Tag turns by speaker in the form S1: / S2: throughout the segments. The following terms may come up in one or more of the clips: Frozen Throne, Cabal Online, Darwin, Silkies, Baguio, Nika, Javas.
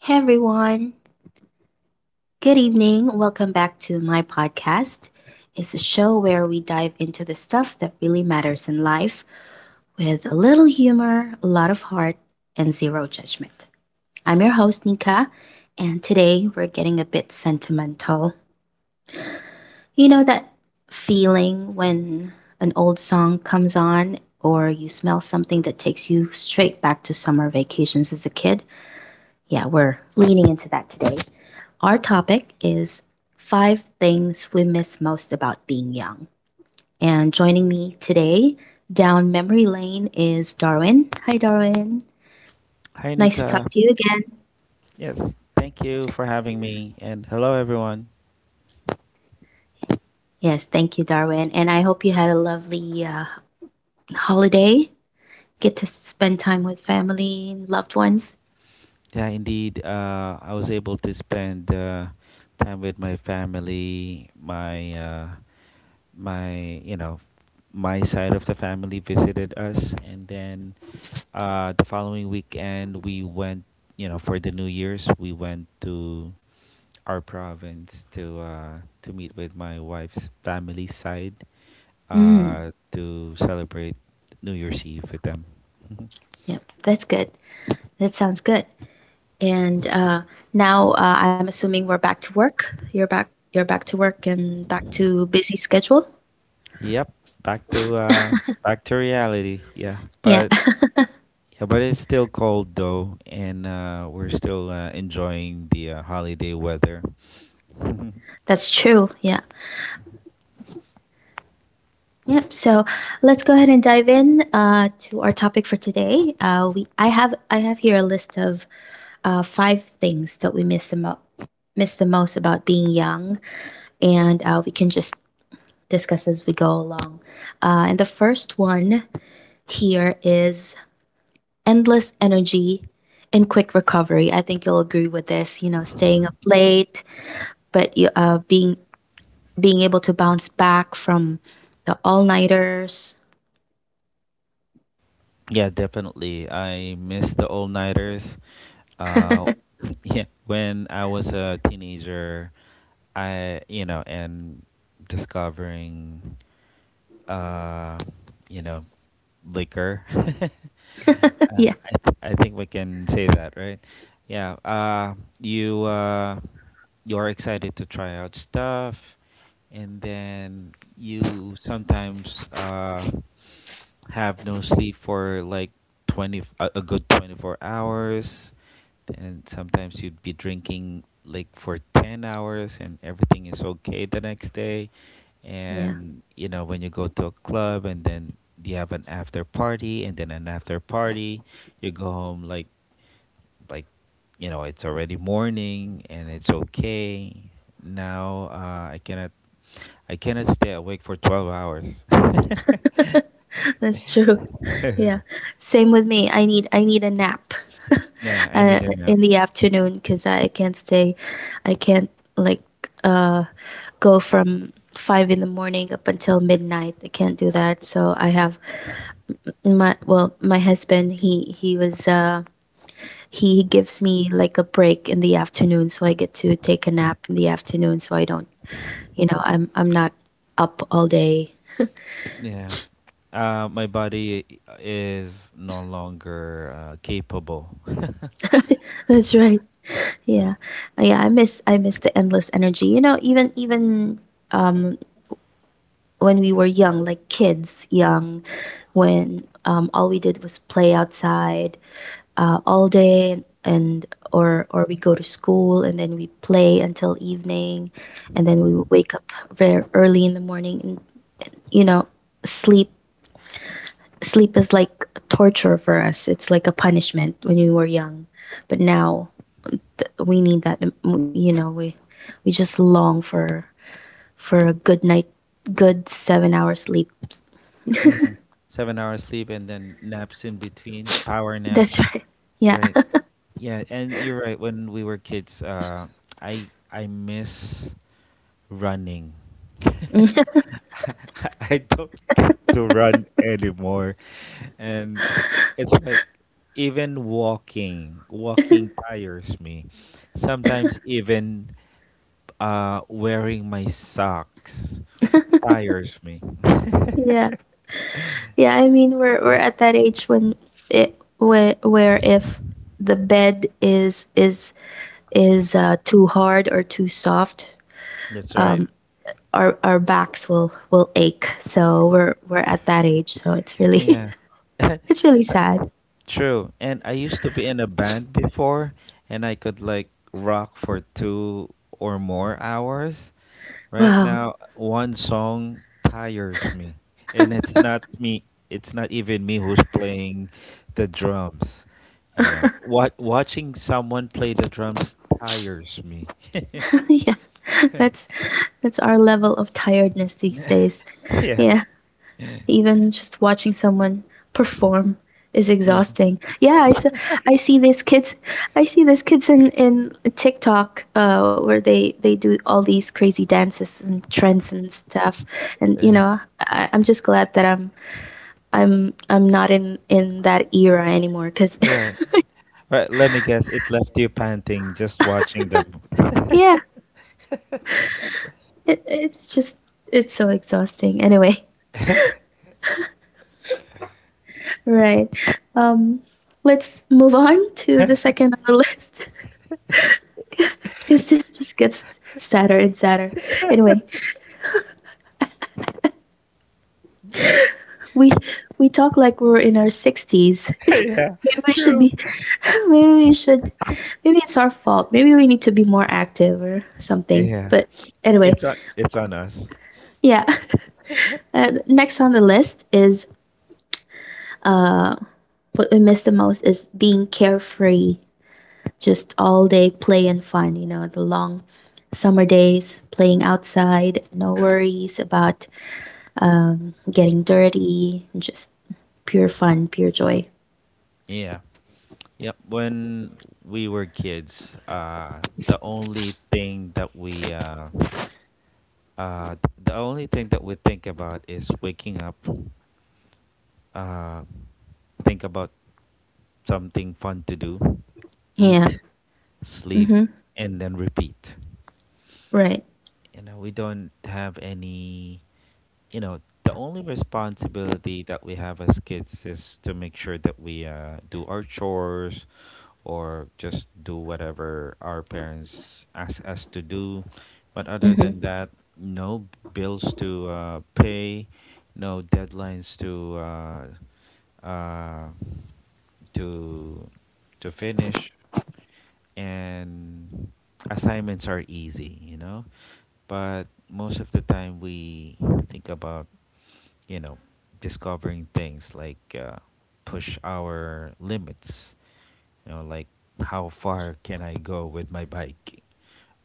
S1: Hey everyone, good evening. Welcome back to my podcast. It's a show where we dive into the stuff that really matters in life with a little humor, a lot of heart, and zero judgment. I'm your host, Nika, and today we're getting a bit sentimental. You know that feeling when an old song comes on or you smell something that takes you straight back to summer vacations as a kid? Yeah, we're leaning into that today. Our topic is five things we miss most about being young. And joining me today down memory lane is Darwin. Hi, Darwin.
S2: Hi,
S1: Nice to talk
S2: Nika.
S1: to you again.
S2: Yes, thank you for having me. And hello, everyone.
S1: Yes, thank you, Darwin. And I hope you had a lovely holiday. Get to spend time with family and loved ones.
S2: Yeah, indeed. I was able to spend time with my family. My my side of the family visited us, and then the following weekend we went. You know, for the New Year's, we went to our province to meet with my wife's family side
S1: Mm,
S2: to celebrate New Year's Eve with them.
S1: yeah, that's good. That sounds good. And now I'm assuming we're back to work. You're back. You're back to work and back to busy schedule.
S2: Yep, back to uh back to reality. Yeah,
S1: Yeah.
S2: but yeah, but it's still cold though, and we're still enjoying the holiday weather.
S1: That's true. Yeah. Yep. So let's go ahead and dive in to our topic for today. We I have here a list of five things that we miss miss the most about being young, and we can just discuss as we go along. And the first one here is endless energy and quick recovery. I think you'll agree with this. You know, staying up late, but being able to bounce back from the all nighters.
S2: Yeah, definitely. I miss the all-nighters. Uh yeah, when I was a teenager, I you know, and discovering uh you know, liquor.
S1: Yeah,
S2: I think we can say that, right? Yeah, you're excited to try out stuff, and then you sometimes have no sleep for like 20 a good 24 hours, and sometimes you'd be drinking like for 10 hours, and everything is okay the next day.
S1: yeah.
S2: And you know, when you go to a club and then you have an after party and then an after party, you go home like you know, it's already morning and it's okay. Now I cannot, I cannot stay awake for 12 hours.
S1: That's true. Yeah. Same with me. I need a nap
S2: Yeah, I
S1: uh,
S2: need a nap.
S1: in the afternoon because I can't stay. I can't like uh Go from five in the morning up until midnight. I can't do that. So I have my— well, my husband. He was he gives me like a break in the afternoon, so I get to take a nap in the afternoon, so I don't, you know, I'm not up all day.
S2: Yeah, my body is no longer capable.
S1: That's right.
S2: Right.
S1: Yeah. Yeah, I miss the endless energy. You know, even um when we were young, like kids young, when all we did was play outside all day and, or we go to school and then we play until evening, and then we would wake up very early in the morning and, you know, sleep sleep is like torture for us. It's like a punishment when we were young. But now we need that, you know, we just long for a good night good 7-hour sleep.
S2: 7 hours sleep, and then naps in between, power
S1: That's
S2: naps.
S1: right. Yeah.
S2: Right. Yeah, and you're right, when we were kids, I miss running. I don't get to run anymore. And it's like, even walking tires me. Sometimes even wearing my socks tires me.
S1: Yeah, yeah. I mean, we're at that age when— it where if the bed is too hard or too soft,
S2: Right.
S1: um, our backs will ache, so we're at that age, so it's really
S2: Yeah,
S1: it's really sad.
S2: true. And I used to be in a band before, and I could like rock for two or more hours. Right
S1: Wow.
S2: now, one song tires me, and it's not me. It's not even me who's playing the drums. You know, what watching someone play the drums tires me.
S1: Yeah, that's that's our level of tiredness these days.
S2: Yeah,
S1: Yeah, even just watching someone perform is
S2: yeah,
S1: exhausting. I see these kids, I see these kids in TikTok, where they do all these crazy dances and trends and stuff. And you
S2: yeah.
S1: know, I'm just glad that I'm not in that era anymore. Cause
S2: Right, right. Let me guess. It left you panting just watching them.
S1: yeah, it's just it's so exhausting. Anyway. Right. Um, let's move on to the second on the list because this just gets sadder and sadder. Anyway, we we talk like we're in our sixties.
S2: Yeah,
S1: Maybe we should
S2: true.
S1: be. Maybe we should. Maybe it's our fault. Maybe we need to be more active or something.
S2: Yeah,
S1: But anyway,
S2: it's on. It's on us.
S1: yeah. Next on the list is uh, what we miss the most is being carefree. Just all day play and fun, you know, the long summer days, playing outside, no worries about, getting dirty, just pure fun, pure joy.
S2: Yeah. Yep. When we were kids, Uh, the only thing that we think about is waking up, uh, think about something fun to do, eat,
S1: Yeah.
S2: sleep,
S1: Mm-hmm.
S2: and then repeat.
S1: Right.
S2: You know, we don't have any, the only responsibility that we have as kids is to make sure that we do our chores, or just do whatever our parents ask us to do, but other
S1: Mm-hmm.
S2: than that, no bills to pay, no deadlines to uh, to to finish, and assignments are easy, you know. But most of the time we think about, you know, discovering things like, push our limits, you know, like how far can I go with my bike,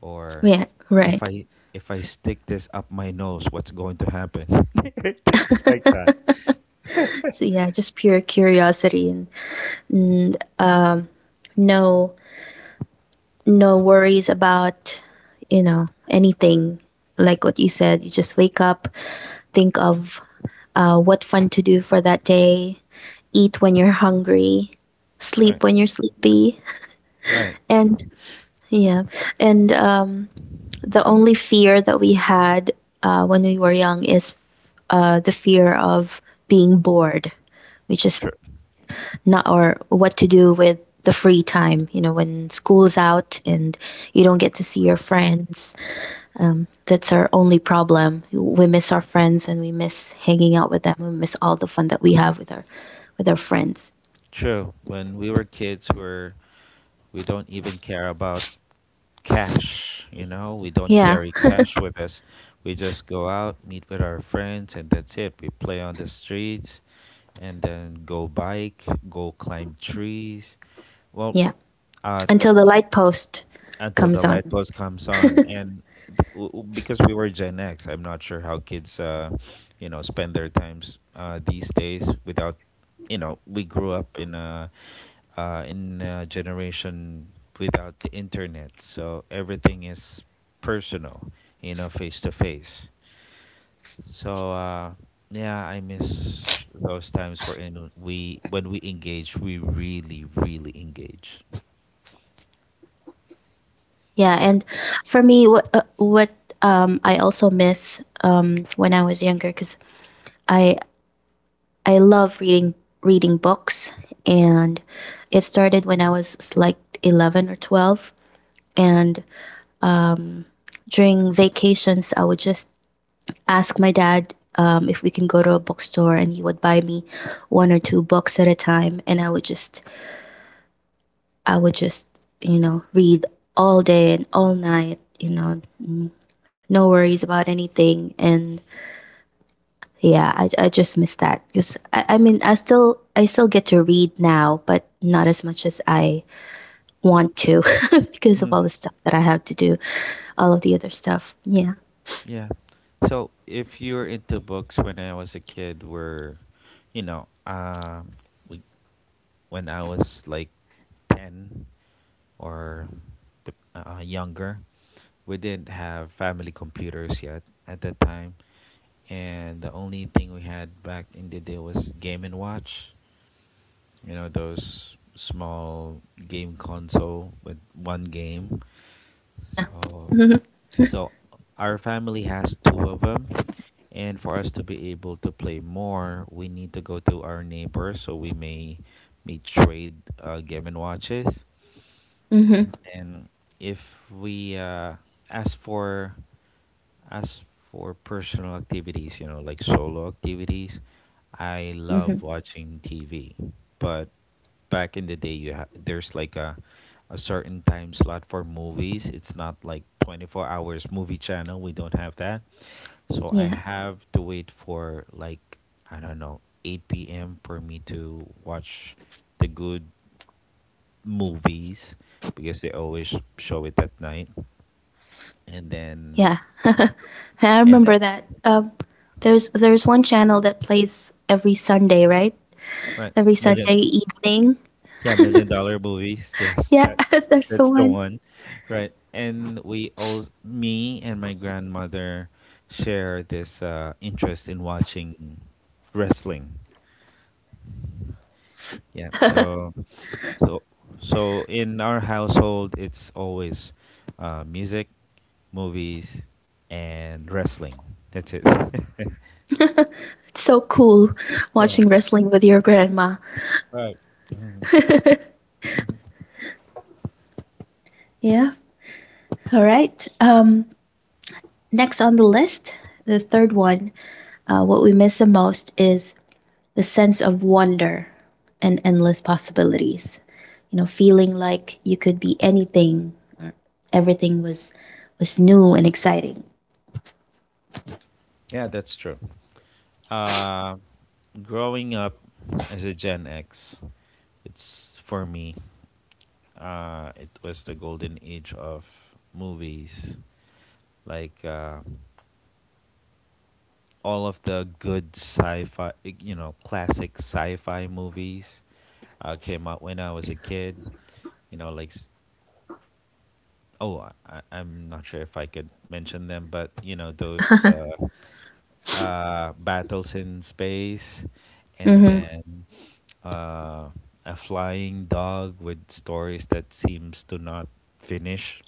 S2: or
S1: Yeah. Right.
S2: if I if I stick this up my nose, what's going to happen? Things like that.
S1: So yeah, just pure curiosity and no no worries about, you know, anything, like what you said. You just wake up, think of what fun to do for that day, eat when you're hungry,
S2: Right.
S1: sleep when you're sleepy,
S2: Right.
S1: and yeah, and, the only fear that we had when we were young is the fear of being bored, which is
S2: True.
S1: not— or what to do with the free time. You know, when school's out and you don't get to see your friends. That's our only problem. We miss our friends and we miss hanging out with them. We miss all the fun that we have with our friends.
S2: True. When we were kids, we don't even care about cash, you know. We don't
S1: Yeah,
S2: carry cash with us. We just go out, meet with our friends, and that's it. We play on the streets, and then go bike, go climb trees. Well,
S1: yeah.
S2: uh
S1: Until the light post
S2: until the
S1: comes
S2: light
S1: on.
S2: post comes on. And because we were Gen X, I'm not sure how kids, you know, spend their times these days without, you know. We grew up in a, generation without the internet. So everything is personal, you know, face to face. So yeah, I miss those times where in we when we engage, we really, really engage.
S1: Yeah, and for me, what I also miss, when I was younger, because I I love reading books, and it started when I was like 11 or 12. And during vacations, I would just ask my dad, if we can go to a bookstore, and he would buy me one or two books at a time, and I would just I would just you know, read all day and all night, you know, no worries about anything. And yeah, I just miss that because I mean, I still get to read now but not as much as I want to because of all the
S2: Mhm.
S1: stuff that I have to do, all of the other stuff. Yeah,
S2: Yeah. So if you're into books, when I was a kid, were you know, we when I was like 10, or younger. We didn't have family computers yet at that time, and the only thing we had back in the day was Game and Watch. You know, those small game console with one game.
S1: yeah.
S2: so,
S1: Hmm.
S2: so our family has two of them, and for us to be able to play more, we need to go to our neighbors. So we may trade game and watches,
S1: Hmm.
S2: and then if we ask for as for personal activities, you know, like solo activities, I
S1: Hmm.
S2: love watching TV. But back in the day, there's like a certain time slot for movies. It's not like 24 hours movie channel. We don't have that. So I
S1: Yeah,
S2: have to wait for, like, I don't know, 8 p.m. for me to watch the good movies, because they always show it at night. And then
S1: yeah. I
S2: and then
S1: remember that. Um, there's one channel that plays every Sunday, right?
S2: right
S1: Every
S2: million.
S1: Sunday evening.
S2: Yeah, Million Dollar Movies. Yes,
S1: Yeah.
S2: that
S1: That's the
S2: that's the
S1: one.
S2: one, right? And we all, me and my grandmother, share this interest in watching wrestling. Yeah, so so in our household, it's always music, movies, and wrestling. That's it.
S1: It's so cool
S2: Yeah,
S1: watching wrestling with your grandma.
S2: right. Mhm.
S1: Yeah. All right. Next on the list, the third one, what we miss the most is the sense of wonder and endless possibilities. You know, feeling like you could be anything. Everything was new and exciting.
S2: Yeah, that's true. Uh, growing up as a Gen X, it's for me, it was the golden age of movies, like all of the good sci-fi, you know, classic sci-fi movies came out when I was a kid. You know, oh, am not sure if I could mention them, but you know, those battles in space, and
S1: Mm-hmm.
S2: then uh, a flying dog with stories that seems to not finish.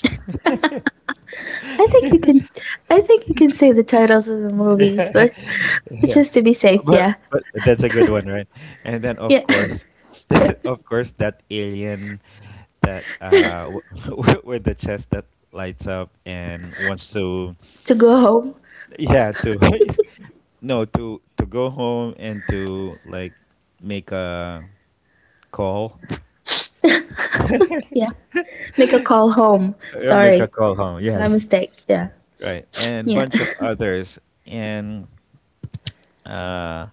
S1: I think you can, I think you can say the titles of the movies, but but just to be safe, yeah,
S2: But that's a good one, right? And then of
S1: yeah,
S2: course, of course, that alien with the chest that lights up and wants to,
S1: to go home,
S2: yeah, to no, to go home, and to like make a call.
S1: yeah, make a call home.
S2: Make a
S1: Sorry,
S2: call home,
S1: my
S2: yes.
S1: mistake. Yeah,
S2: Right, and
S1: yeah.
S2: bunch of others. And uh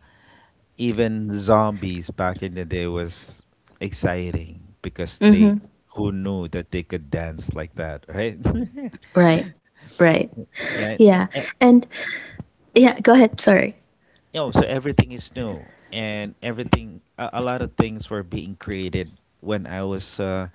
S2: even zombies back in the day was exciting, because they,
S1: Mm-hmm.
S2: who knew that they could dance like that, right?
S1: Right. Right.
S2: Yeah.
S1: Yeah. And yeah, go ahead. Sorry.
S2: No, so everything is new, and everything, a lot of things were being created when I was uh,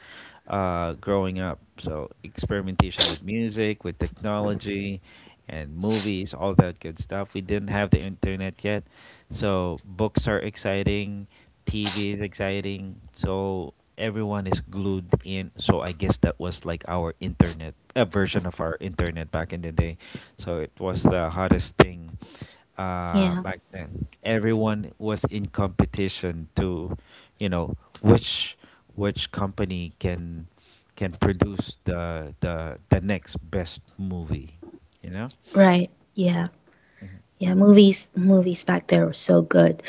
S2: uh, growing up. So experimentation with music, with technology, and movies, all that good stuff. We didn't have the internet yet, so books are exciting, TV is exciting. So everyone is glued in. So I guess that was like our internet, a version of our internet back in the day. So it was the hottest thing
S1: Yeah.
S2: back then. Everyone was in competition to, you know, which which company can produce the next best movie, you know.
S1: Right. Yeah. Yeah. Movies— movies back there were so good.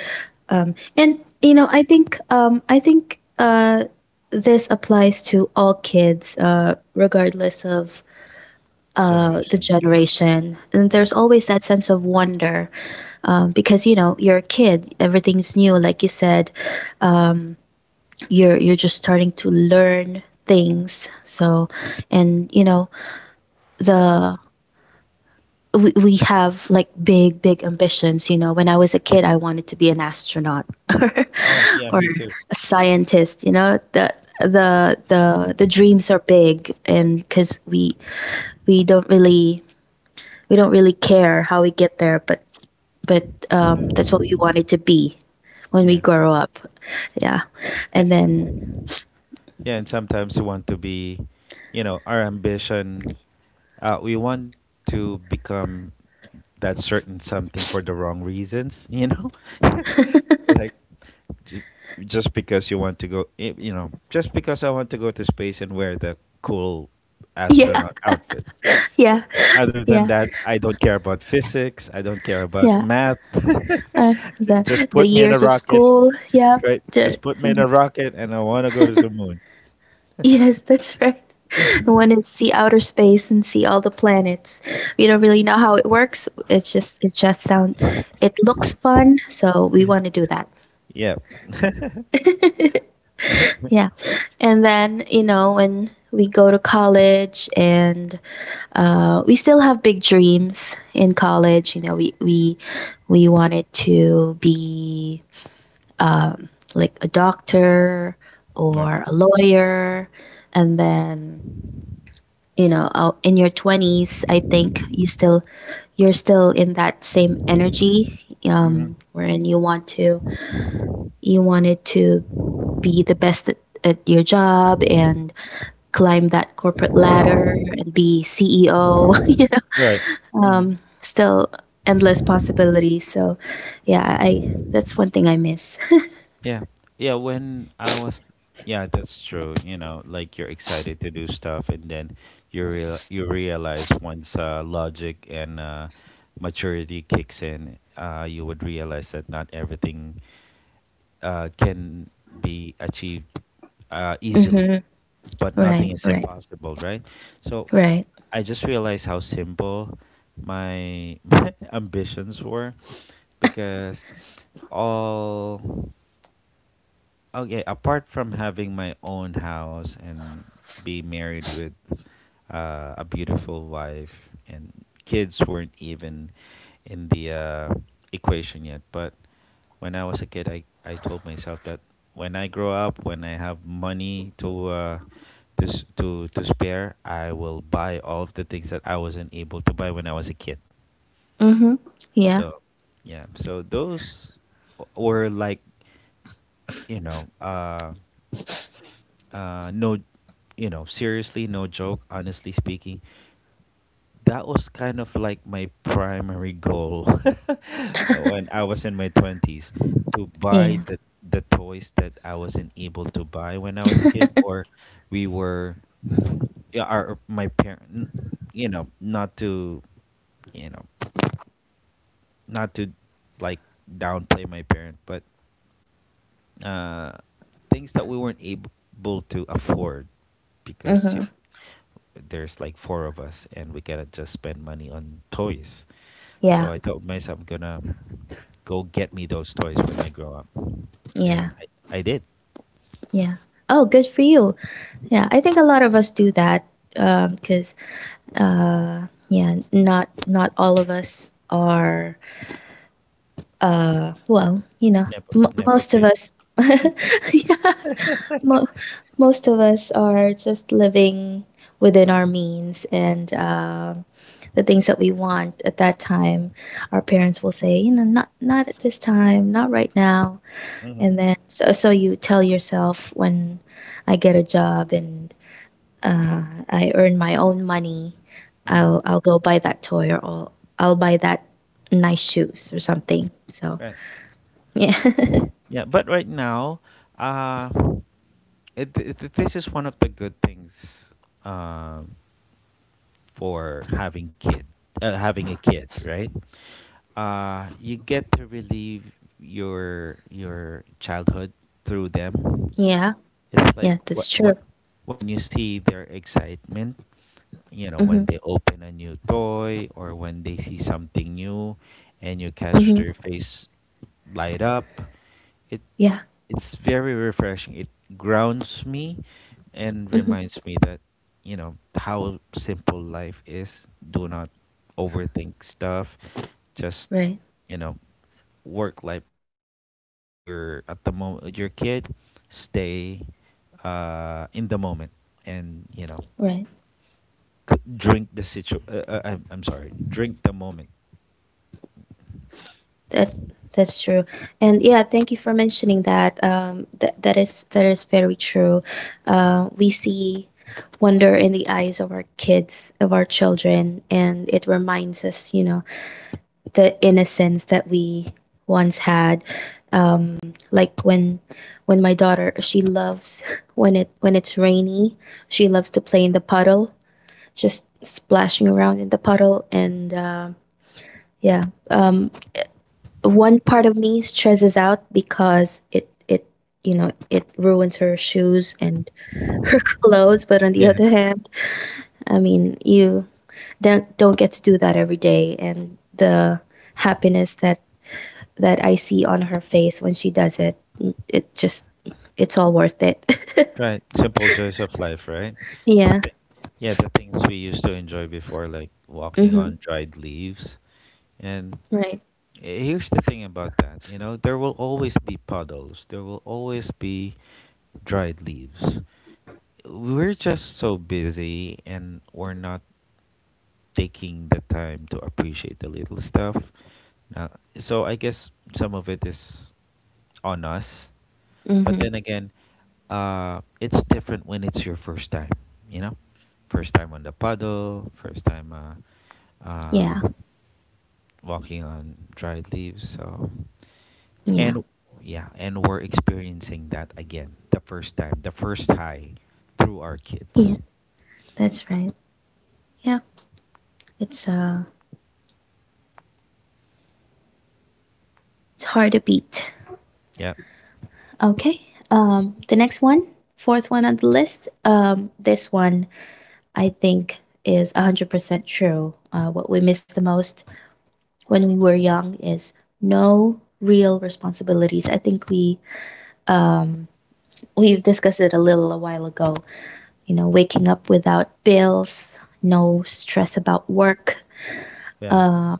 S1: Um, and you know, I think this applies to all kids, uh, regardless of
S2: So
S1: the generation. And there's always that sense of wonder. Um, because you know, you're a kid, everything's new, like you said. Um, you're just starting to learn things. So, and you know, the we have like big ambitions. You know, when I was a kid I wanted to be an astronaut or,
S2: oh, yeah,
S1: or
S2: me too.
S1: a scientist. You know, the dreams are big, and because we don't really we don't really care how we get there, but that's what we wanted to be when
S2: Yeah.
S1: we grow up. Yeah.
S2: Eh,
S1: And then
S2: yeah, and sometimes we want to be, you know, our ambition. We want to become that certain something for the wrong reasons, you know, like J- just because you want to go, you know, just because I want to go to space and wear the cool
S1: yeah
S2: astronaut outfit.
S1: yeah
S2: Other
S1: yeah
S2: than that, I don't care about physics. I don't care about
S1: yeah
S2: math. Just
S1: the
S2: put me in a
S1: years of
S2: rocket,
S1: school. Yeah.
S2: right?
S1: ju-
S2: Just put me in a rocket, and I want to go to the moon.
S1: Yes, that's right. I wanted to see outer space and see all the planets. We don't really know how it works. It's just it just sound— it looks fun, so we want to do that.
S2: Yeah.
S1: Yeah. And then, you know, when we go to college and, we still have big dreams in college. You know, we wanted to be like a doctor
S2: Right.
S1: or a lawyer, and then, you know, in your 20s I think you still— you're still in that same energy,
S2: Mm-hmm.
S1: um, wherein you want to— you wanted to be the best at your job and climb that corporate ladder and be ceo. You know,
S2: Right. Mm-hmm.
S1: um, still endless possibilities. So yeah, I that's one thing I miss.
S2: Yeah. Yeah, when I was, yeah, that's true. You know, like, you're excited to do stuff, and then you realize, once logic and maturity kicks in, you would realize that not everything can be achieved easily,
S1: Mm-hmm.
S2: but
S1: Right,
S2: nothing is
S1: right.
S2: impossible, right? So
S1: Right.
S2: I just realized how simple my, my ambitions were, because all, okay, apart from having my own house and be married with a beautiful wife, and kids weren't even in the equation yet. But when I was a kid, I told myself that when I grow up, when I have money to to spare, I will buy all of the things that I wasn't able to buy when I was a kid.
S1: Mm-hmm. Yeah,
S2: So yeah, so those were like, you know, no, you know, seriously, no joke, honestly speaking, that was kind of like my primary goal. When I was in my 20s, to buy
S1: yeah.
S2: the toys that I wasn't able to buy when I was a kid. Or we were yeah, our, my parent, you know, not to, you know, not to like downplay my parent, but uh things that we weren't able to afford, because
S1: Mm-hmm.
S2: you know, there's like four of us, and we cannot just spend money on toys. So
S1: Yeah,
S2: I told myself, I'm gonna go get me those toys when I grow up,
S1: yeah,
S2: and I did.
S1: yeah. Oh, good for you. Yeah, I think a lot of us do that because yeah, not all of us are well, you know,
S2: Nepo Nepo
S1: most of
S2: Kids.
S1: us, yeah, mo- most of us are just living within our means, and the things that we want at that time. Our parents will say, you know, not at this time, not right now, and then, so so you tell yourself when I get a job and, uh, I earn my own money,
S2: Hmm.
S1: I'll go buy that toy, or I'll— I'll buy that nice shoes or something. So
S2: Right.
S1: yeah,
S2: Yeah, but right now, uh, this is one of the good things um, for having kid having a kid right you get to relieve your childhood through them.
S1: yeah,
S2: It's
S1: yeah,
S2: like
S1: that's true.
S2: what when you see their excitement, you know,
S1: Mm-hmm,
S2: when they open a new toy or when they see something new, and you
S1: mm-hmm,
S2: catch their face light up, it
S1: yeah,
S2: it's very refreshing. It grounds me and
S1: mm-hmm,
S2: reminds me that, you know, how simple life is. Do not overthink stuff. Just,
S1: right,
S2: you know, work life balance, your at the moment your kid stay in the moment and you know
S1: right.
S2: c- drink the situ I'm sorry, drink the moment.
S1: That— that's true, and yeah, thank you for mentioning that. That— that is— that is very true. We see wonder in the eyes of our kids, of our children, and it reminds us, you know, the innocence that we once had like when my daughter, she loves when it when it's rainy. She loves to play in the puddle, just splashing around in the puddle. And yeah, um one part of me stresses out because it you know it ruins her shoes and her clothes. But on the
S2: Yeah,
S1: other hand, I mean, you don't get to do that every day, and the happiness that I see on her face when she does it, it just, it's all worth it.
S2: right, simple joys of life, right. The
S1: Yeah.
S2: thi- yeah, the things we used to enjoy before, like walking
S1: Mhm.
S2: on dried leaves and
S1: Right.
S2: here's the thing about that. You know, there will always be puddles, there will always be dried leaves, we're just so busy and we're not taking the time to appreciate the little stuff. Now, so I guess some of it is on us, but
S1: Mhm.
S2: then again, it's different when it's your first time. You know, first time on the puddle, first time
S1: Yeah.
S2: uh, walking on dried leaves. So,
S1: Yeah.
S2: and yeah, and we're experiencing that again, the first time, the first high through our
S1: Yeah.
S2: kids.
S1: That's right. Yeah. It's uh it's hard to beat.
S2: Yeah,
S1: Okay. The next one, fourth one on the list, this one I think is 100% true. What we miss the most when we were young is no real responsibilities. I think um we've discussed it a little a while ago. You know, waking up without bills, no stress about work,
S2: yeah.
S1: uh,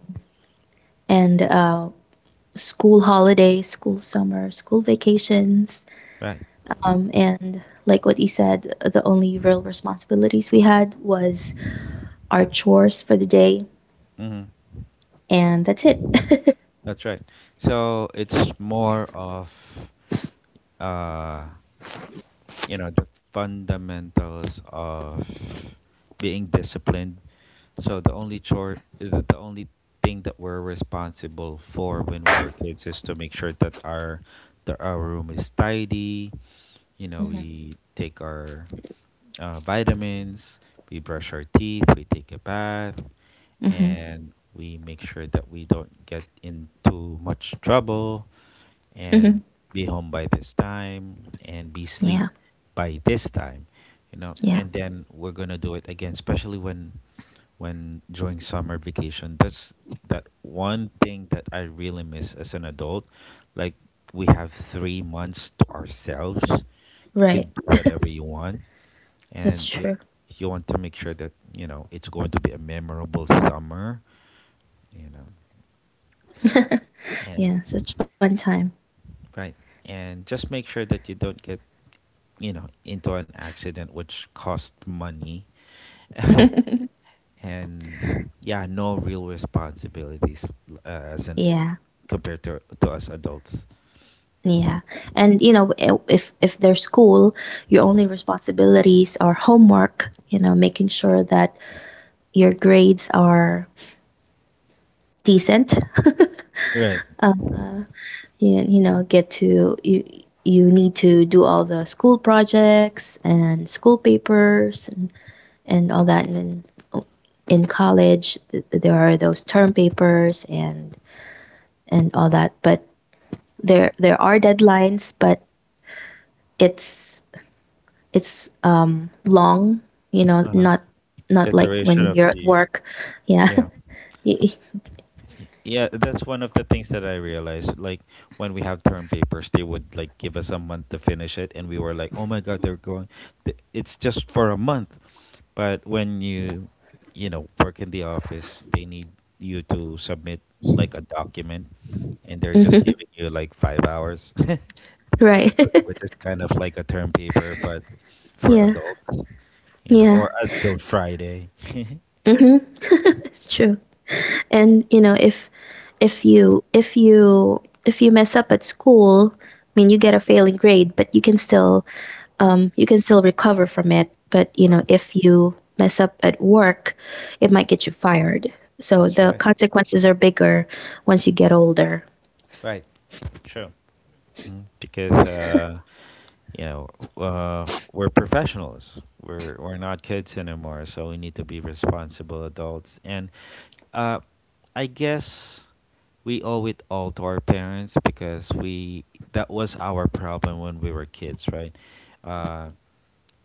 S1: and school holidays, school summer, school vacations.
S2: Right.
S1: And like what he said, the only real responsibilities we had was our chores for the day,
S2: Hmm.
S1: and that's it.
S2: That's right. So it's more of, uh, you know, the fundamentals of being disciplined. So the only chore, the only thing that we're responsible for when we were kids is to make sure that our room is tidy. You know,
S1: Mhm.
S2: we take our vitamins, we brush our teeth, we take a bath,
S1: Hmm.
S2: and we make sure that we don't get into much trouble,
S1: Hmm.
S2: and be home by this time and be sleep
S1: Yeah,
S2: by this time, you know,
S1: yeah,
S2: and then we're gonna do it again, especially when during summer vacation. That's that one thing that I really miss as an adult. Like, we have 3 months to ourselves, you
S1: right.
S2: can do whatever you want,
S1: That's
S2: and
S1: true.
S2: you want to make sure that, you know, it's going to be a memorable summer, you know, and
S1: Yeah, such fun time.
S2: right, and just make sure that you don't get, you know, into an accident which cost money. And yeah, no real responsibilities, uh, as in
S1: Yeah.
S2: compared to us adults,
S1: Yeah. And you know, if there's school, your only responsibilities are homework, you know, making sure that your grades are decent.
S2: right.
S1: Uh, you know, get to you you need to do all the school projects and school papers and all that. And then oh, in college, there are those term papers and all that. But there are deadlines, but it's it's long, you know,
S2: uh,
S1: not not
S2: the
S1: like
S2: duration
S1: when
S2: of
S1: you're at
S2: the,
S1: work. Yeah.
S2: yeah.
S1: Y-
S2: Yeah, that's one of the things that I realized. Like, when we have term papers, they would like give us a month to finish it, and we were like, "Oh my God, they're going! It's just for a month." But when you know, work in the office, they need you to submit like a document, and they're just
S1: mhm,
S2: giving you like 5 hours,
S1: right.
S2: which is kind of like a term paper, but for
S1: Yeah.
S2: adults, you know,
S1: Yeah.
S2: or until Friday. You
S1: Hmm. It's
S2: know,
S1: true. And you know, if you if you if you mess up at school, I mean, you get a failing grade, but you can still recover from it. But you know, if you mess up at work, it might get you fired. So
S2: that's
S1: the
S2: right,
S1: consequences are bigger once you get older.
S2: right. Mm. Because you know, we're professionals. We're not kids anymore, so we need to be responsible adults. And uh, I guess we owe it all to our parents because we that was our problem when we were kids, right? Uh,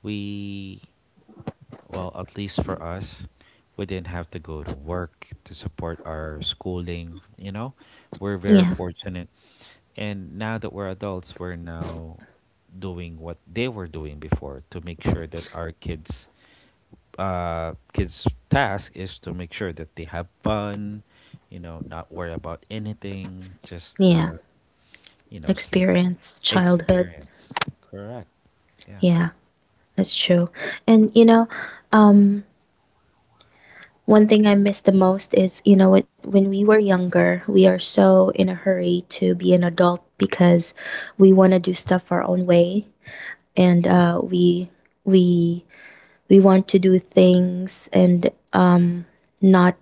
S2: we Well, at least for us, we didn't have to go to work to support our schooling. You know, we're very
S1: Yeah.
S2: fortunate, and now that we're adults, we're now doing what they were doing before to make sure that our kids, kids task is to make sure that they have fun, you know, not worry about anything, just
S1: Yeah.
S2: you know, sleep,
S1: Experience childhood.
S2: experience. Correct. Yeah.
S1: Yeah, that's true. And you know, um one thing I miss the most is, you know, when we were younger, we are so in a hurry to be an adult because we want to do stuff our own way. And we we want to do things, and not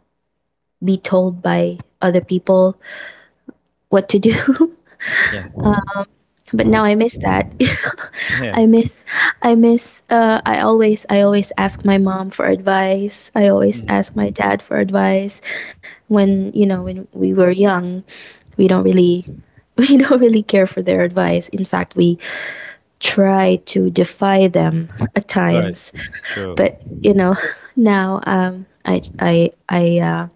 S1: be told by other people what to do.
S2: Yeah.
S1: But now I miss that.
S2: Yeah.
S1: i miss I always ask my mom for advice. I always ask my
S2: Mhm.
S1: dad for advice. When, you know, when we were young, we don't
S2: Right.
S1: really we don't really care for their advice. In fact, we try to defy them at
S2: Right.
S1: times.
S2: Sure.
S1: But you know, now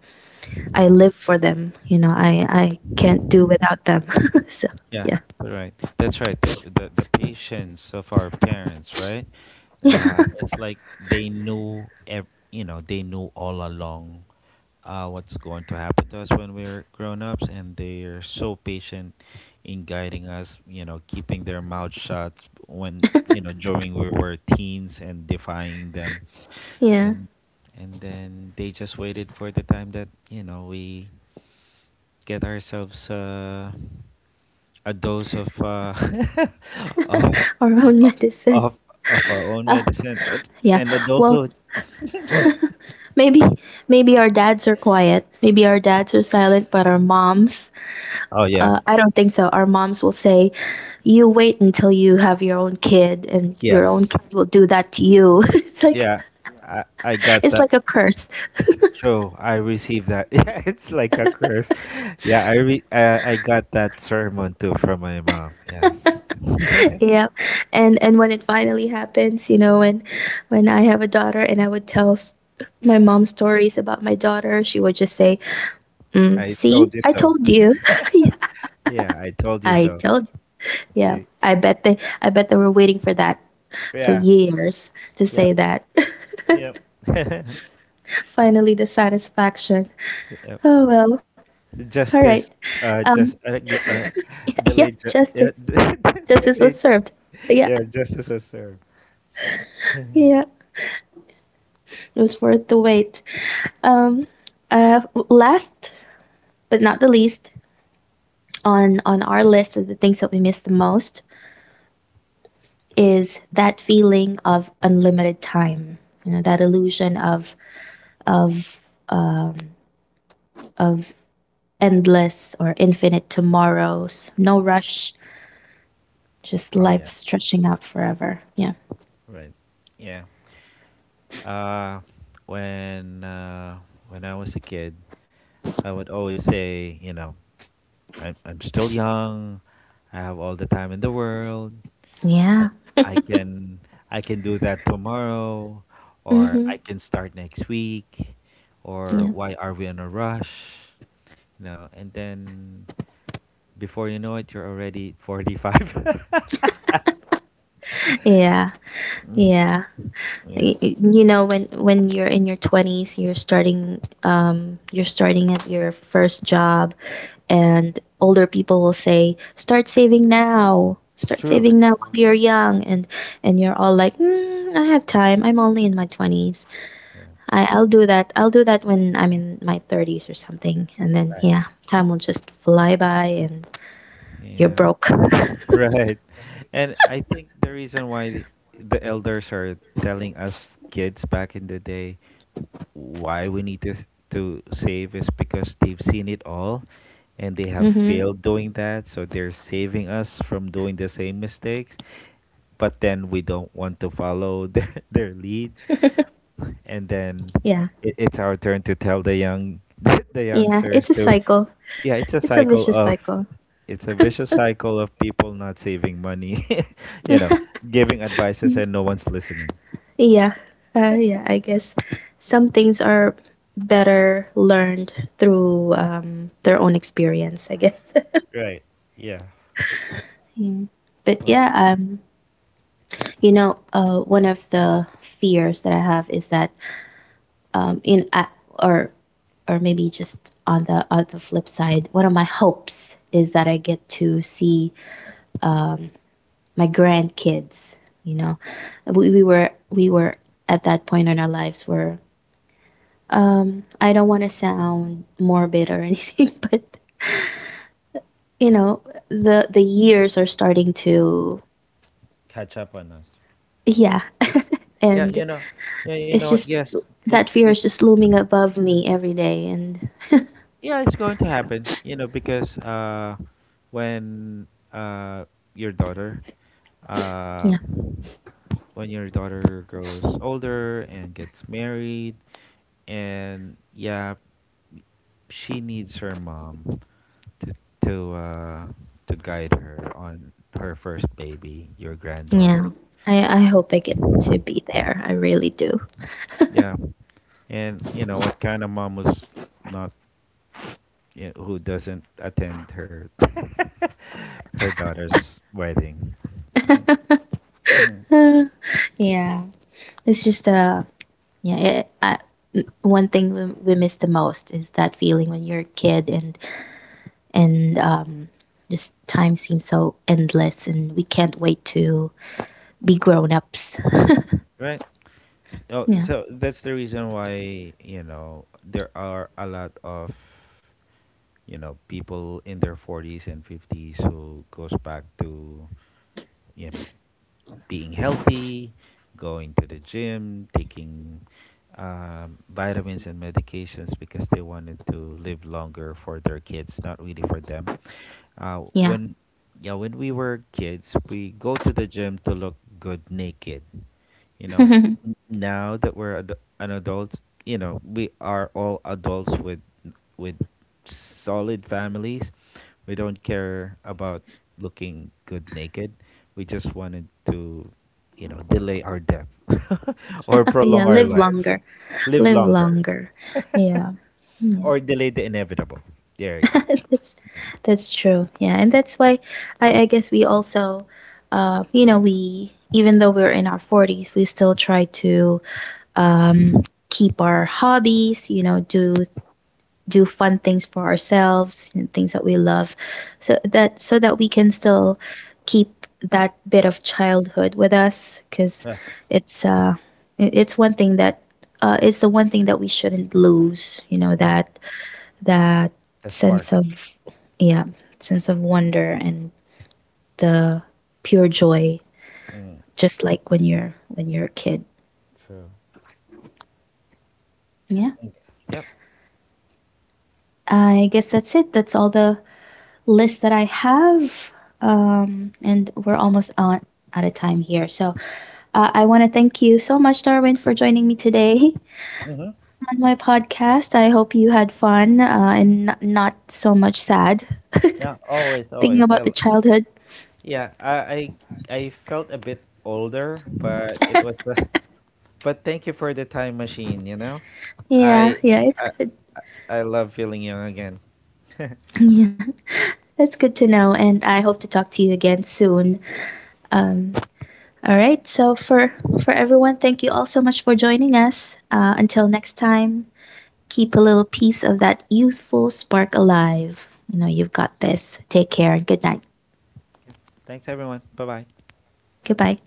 S1: I live for them. You know, I can't do without them. So
S2: Yeah,
S1: yeah.
S2: right. That's right. The patience of our parents, right?
S1: Yeah.
S2: It's like they knew, you know, they knew all along what's going to happen to us when we're grown ups, and they're so patient in guiding us. You know, keeping their mouth shut when, you know, during we were teens and defying them,
S1: Yeah.
S2: and and then they just waited for the time that, you know, we get ourselves. A dose of of
S1: Our own medicine.
S2: of of our own medicine
S1: Yeah.
S2: and
S1: Well,
S2: adulthood.
S1: maybe maybe our dads are quiet. Maybe our dads are silent, but our moms,
S2: Oh yeah.
S1: I don't think so. Our moms will say, "You wait until you have your own kid, and your own
S2: Yes.
S1: kid will do that to you." It's like
S2: Yeah. I got
S1: it's
S2: that.
S1: like a curse.
S2: True, I received that. Yeah, it's like a curse. Yeah, I got that sermon too from my mom. Yes,
S1: Yeah. And when it finally happens, you know, when I have a daughter, and I would tell. My mom stories about my daughter, she would just say, mm,
S2: I
S1: see,
S2: told you
S1: I
S2: so.
S1: told you.
S2: Yeah, I told you
S1: I
S2: so.
S1: told. Yeah.
S2: Y-
S1: I bet they were waiting for that for
S2: Yeah.
S1: years to say
S2: Yep.
S1: that.
S2: Yep.
S1: Finally the satisfaction.
S2: Yep.
S1: Oh well. All right.
S2: Justice. Uh,
S1: Um
S2: just uh, gl- uh,
S1: yeah,
S2: delayed.
S1: justice.
S2: Yeah,
S1: Justice was served.
S2: delayed.
S1: Yeah.
S2: Yeah, justice was served.
S1: Yeah. It was worth the wait. Um uh Last but not the least, on our list of the things that we miss the most is that feeling of unlimited time. You know, that illusion of of um, of endless or infinite tomorrows. No rush, just
S2: Oh
S1: life
S2: yeah,
S1: stretching out forever. Yeah.
S2: right. Yeah. Uh, when uh, when I was a kid, I would always say, you know, I'm still young. I have all the time in the world. I
S1: Yeah.
S2: I can I can do that tomorrow, or I
S1: Mm-hmm.
S2: can start next week, or
S1: Yeah.
S2: why are we in a rush? You know, and then before you know it, you're already 45.
S1: Yeah. Yeah.
S2: Yeah.
S1: You know, when you're in your twenties, you're starting at your first job, and older people will say, "Start saving now. Start
S2: True.
S1: saving now while you're young." And you're all like, mm, "I have time. I'm only in my twenties."
S2: Yeah.
S1: I, I'll do that. I'll do that when I'm in my 30s or something. And then
S2: Right.
S1: yeah, time will just fly by and you're
S2: Yeah.
S1: broke.
S2: Right. And I think the reason why the elders are telling us kids back in the day why we need to save is because they've seen it all and they have
S1: Hmm.
S2: failed doing that, so they're saving us from doing the same mistakes, but then we don't want to follow their lead, and then
S1: Yeah.
S2: it's our turn to tell the young the
S1: Yeah. It's
S2: youngsters
S1: a
S2: to,
S1: cycle.
S2: yeah, it's a
S1: It's a vicious
S2: cycle of,
S1: cycle.
S2: it's a vicious cycle of people not saving money, you know, giving advices and no one's listening,
S1: Yeah. Yeah. I guess some things are better learned through their own experience, I guess.
S2: right, yeah.
S1: Yeah. But
S2: Well,
S1: yeah, you know, one of the fears that I have is that in or or maybe just on the flip side, one of my hopes is that I get to see um, my grandkids. You know, we were we were at that point in our lives where I don't want to sound morbid or anything, but you know, the years are starting to,
S2: catch up on us.
S1: yeah,
S2: Yeah,
S1: and
S2: you know, yeah you know
S1: it's
S2: what
S1: just
S2: yes, it
S1: that fear
S2: it
S1: is just looming above me every day. And
S2: yeah, it's going to happen, you know, because when uh your daughter, uh
S1: yeah.
S2: when your daughter grows older and gets married, and yeah, she needs her mom to to uh to guide her on her first baby, your
S1: Yeah.
S2: granddaughter.
S1: I hope I get to be there. I really do.
S2: Yeah. And you know what kind of mom was not, who doesn't attend her her daughter's wedding.
S1: Uh, yeah. It's just yeah, one thing we miss the most is that feeling when you're a kid, and and um just time seems so endless, and we can't wait to be grown-ups.
S2: Right? Oh,
S1: Yeah.
S2: so that's the reason why, you know, there are a lot of, you know, people in their 40s and 50s who goes back to, you know, being healthy, going to the gym, taking vitamins and medications because they wanted to live longer for their kids, not really for them.
S1: Yeah.
S2: When Yeah, when we were kids, we go to the gym to look good naked. You know,
S1: Yeah,
S2: Now that we're an adult, you know, we are all adults with with solid families. We don't care about looking good naked. We just wanted to, you know, delay our death or prolong our
S1: live
S2: life,
S1: longer.
S2: live
S1: Live
S2: longer,
S1: longer. Yeah. Yeah.
S2: or delay the inevitable. There you go.
S1: that's that's true. Yeah, and that's why I I guess we also you know, we even though we're in our 40s, we still try to um keep our hobbies. You know, do fun things for ourselves and things that we love, so that we can still keep that bit of childhood with us. Because
S2: Yeah.
S1: it's it's one thing that it's the one thing that we shouldn't lose. You know,
S2: Mhm.
S1: that
S2: The
S1: sense
S2: spark.
S1: of, yeah, sense of wonder and the pure joy,
S2: Mm.
S1: just like when you're a kid.
S2: True.
S1: Yeah.
S2: Mm. Yep.
S1: I guess that's it. That's all the list that I have. And we're almost on out of time here, so I want to thank you so much, Darwin, for joining me today.
S2: Mm-hmm.
S1: On my podcast, I hope you had fun, and not so much sad.
S2: Yeah, always,
S1: Thinking
S2: always.
S1: about the childhood.
S2: Yeah, I felt a bit older, but it was but thank you for the time machine, you know?
S1: Yeah,
S2: I
S1: yeah, it's
S2: I
S1: good.
S2: I I love feeling young again.
S1: Yeah. That's good to know, and I hope to talk to you again soon. Um, all right. So for everyone, thank you all so much for joining us. Until next time, keep a little piece of that youthful spark alive. You know, you've got this. Take care and good night.
S2: Thanks everyone. Bye-bye.
S1: Goodbye.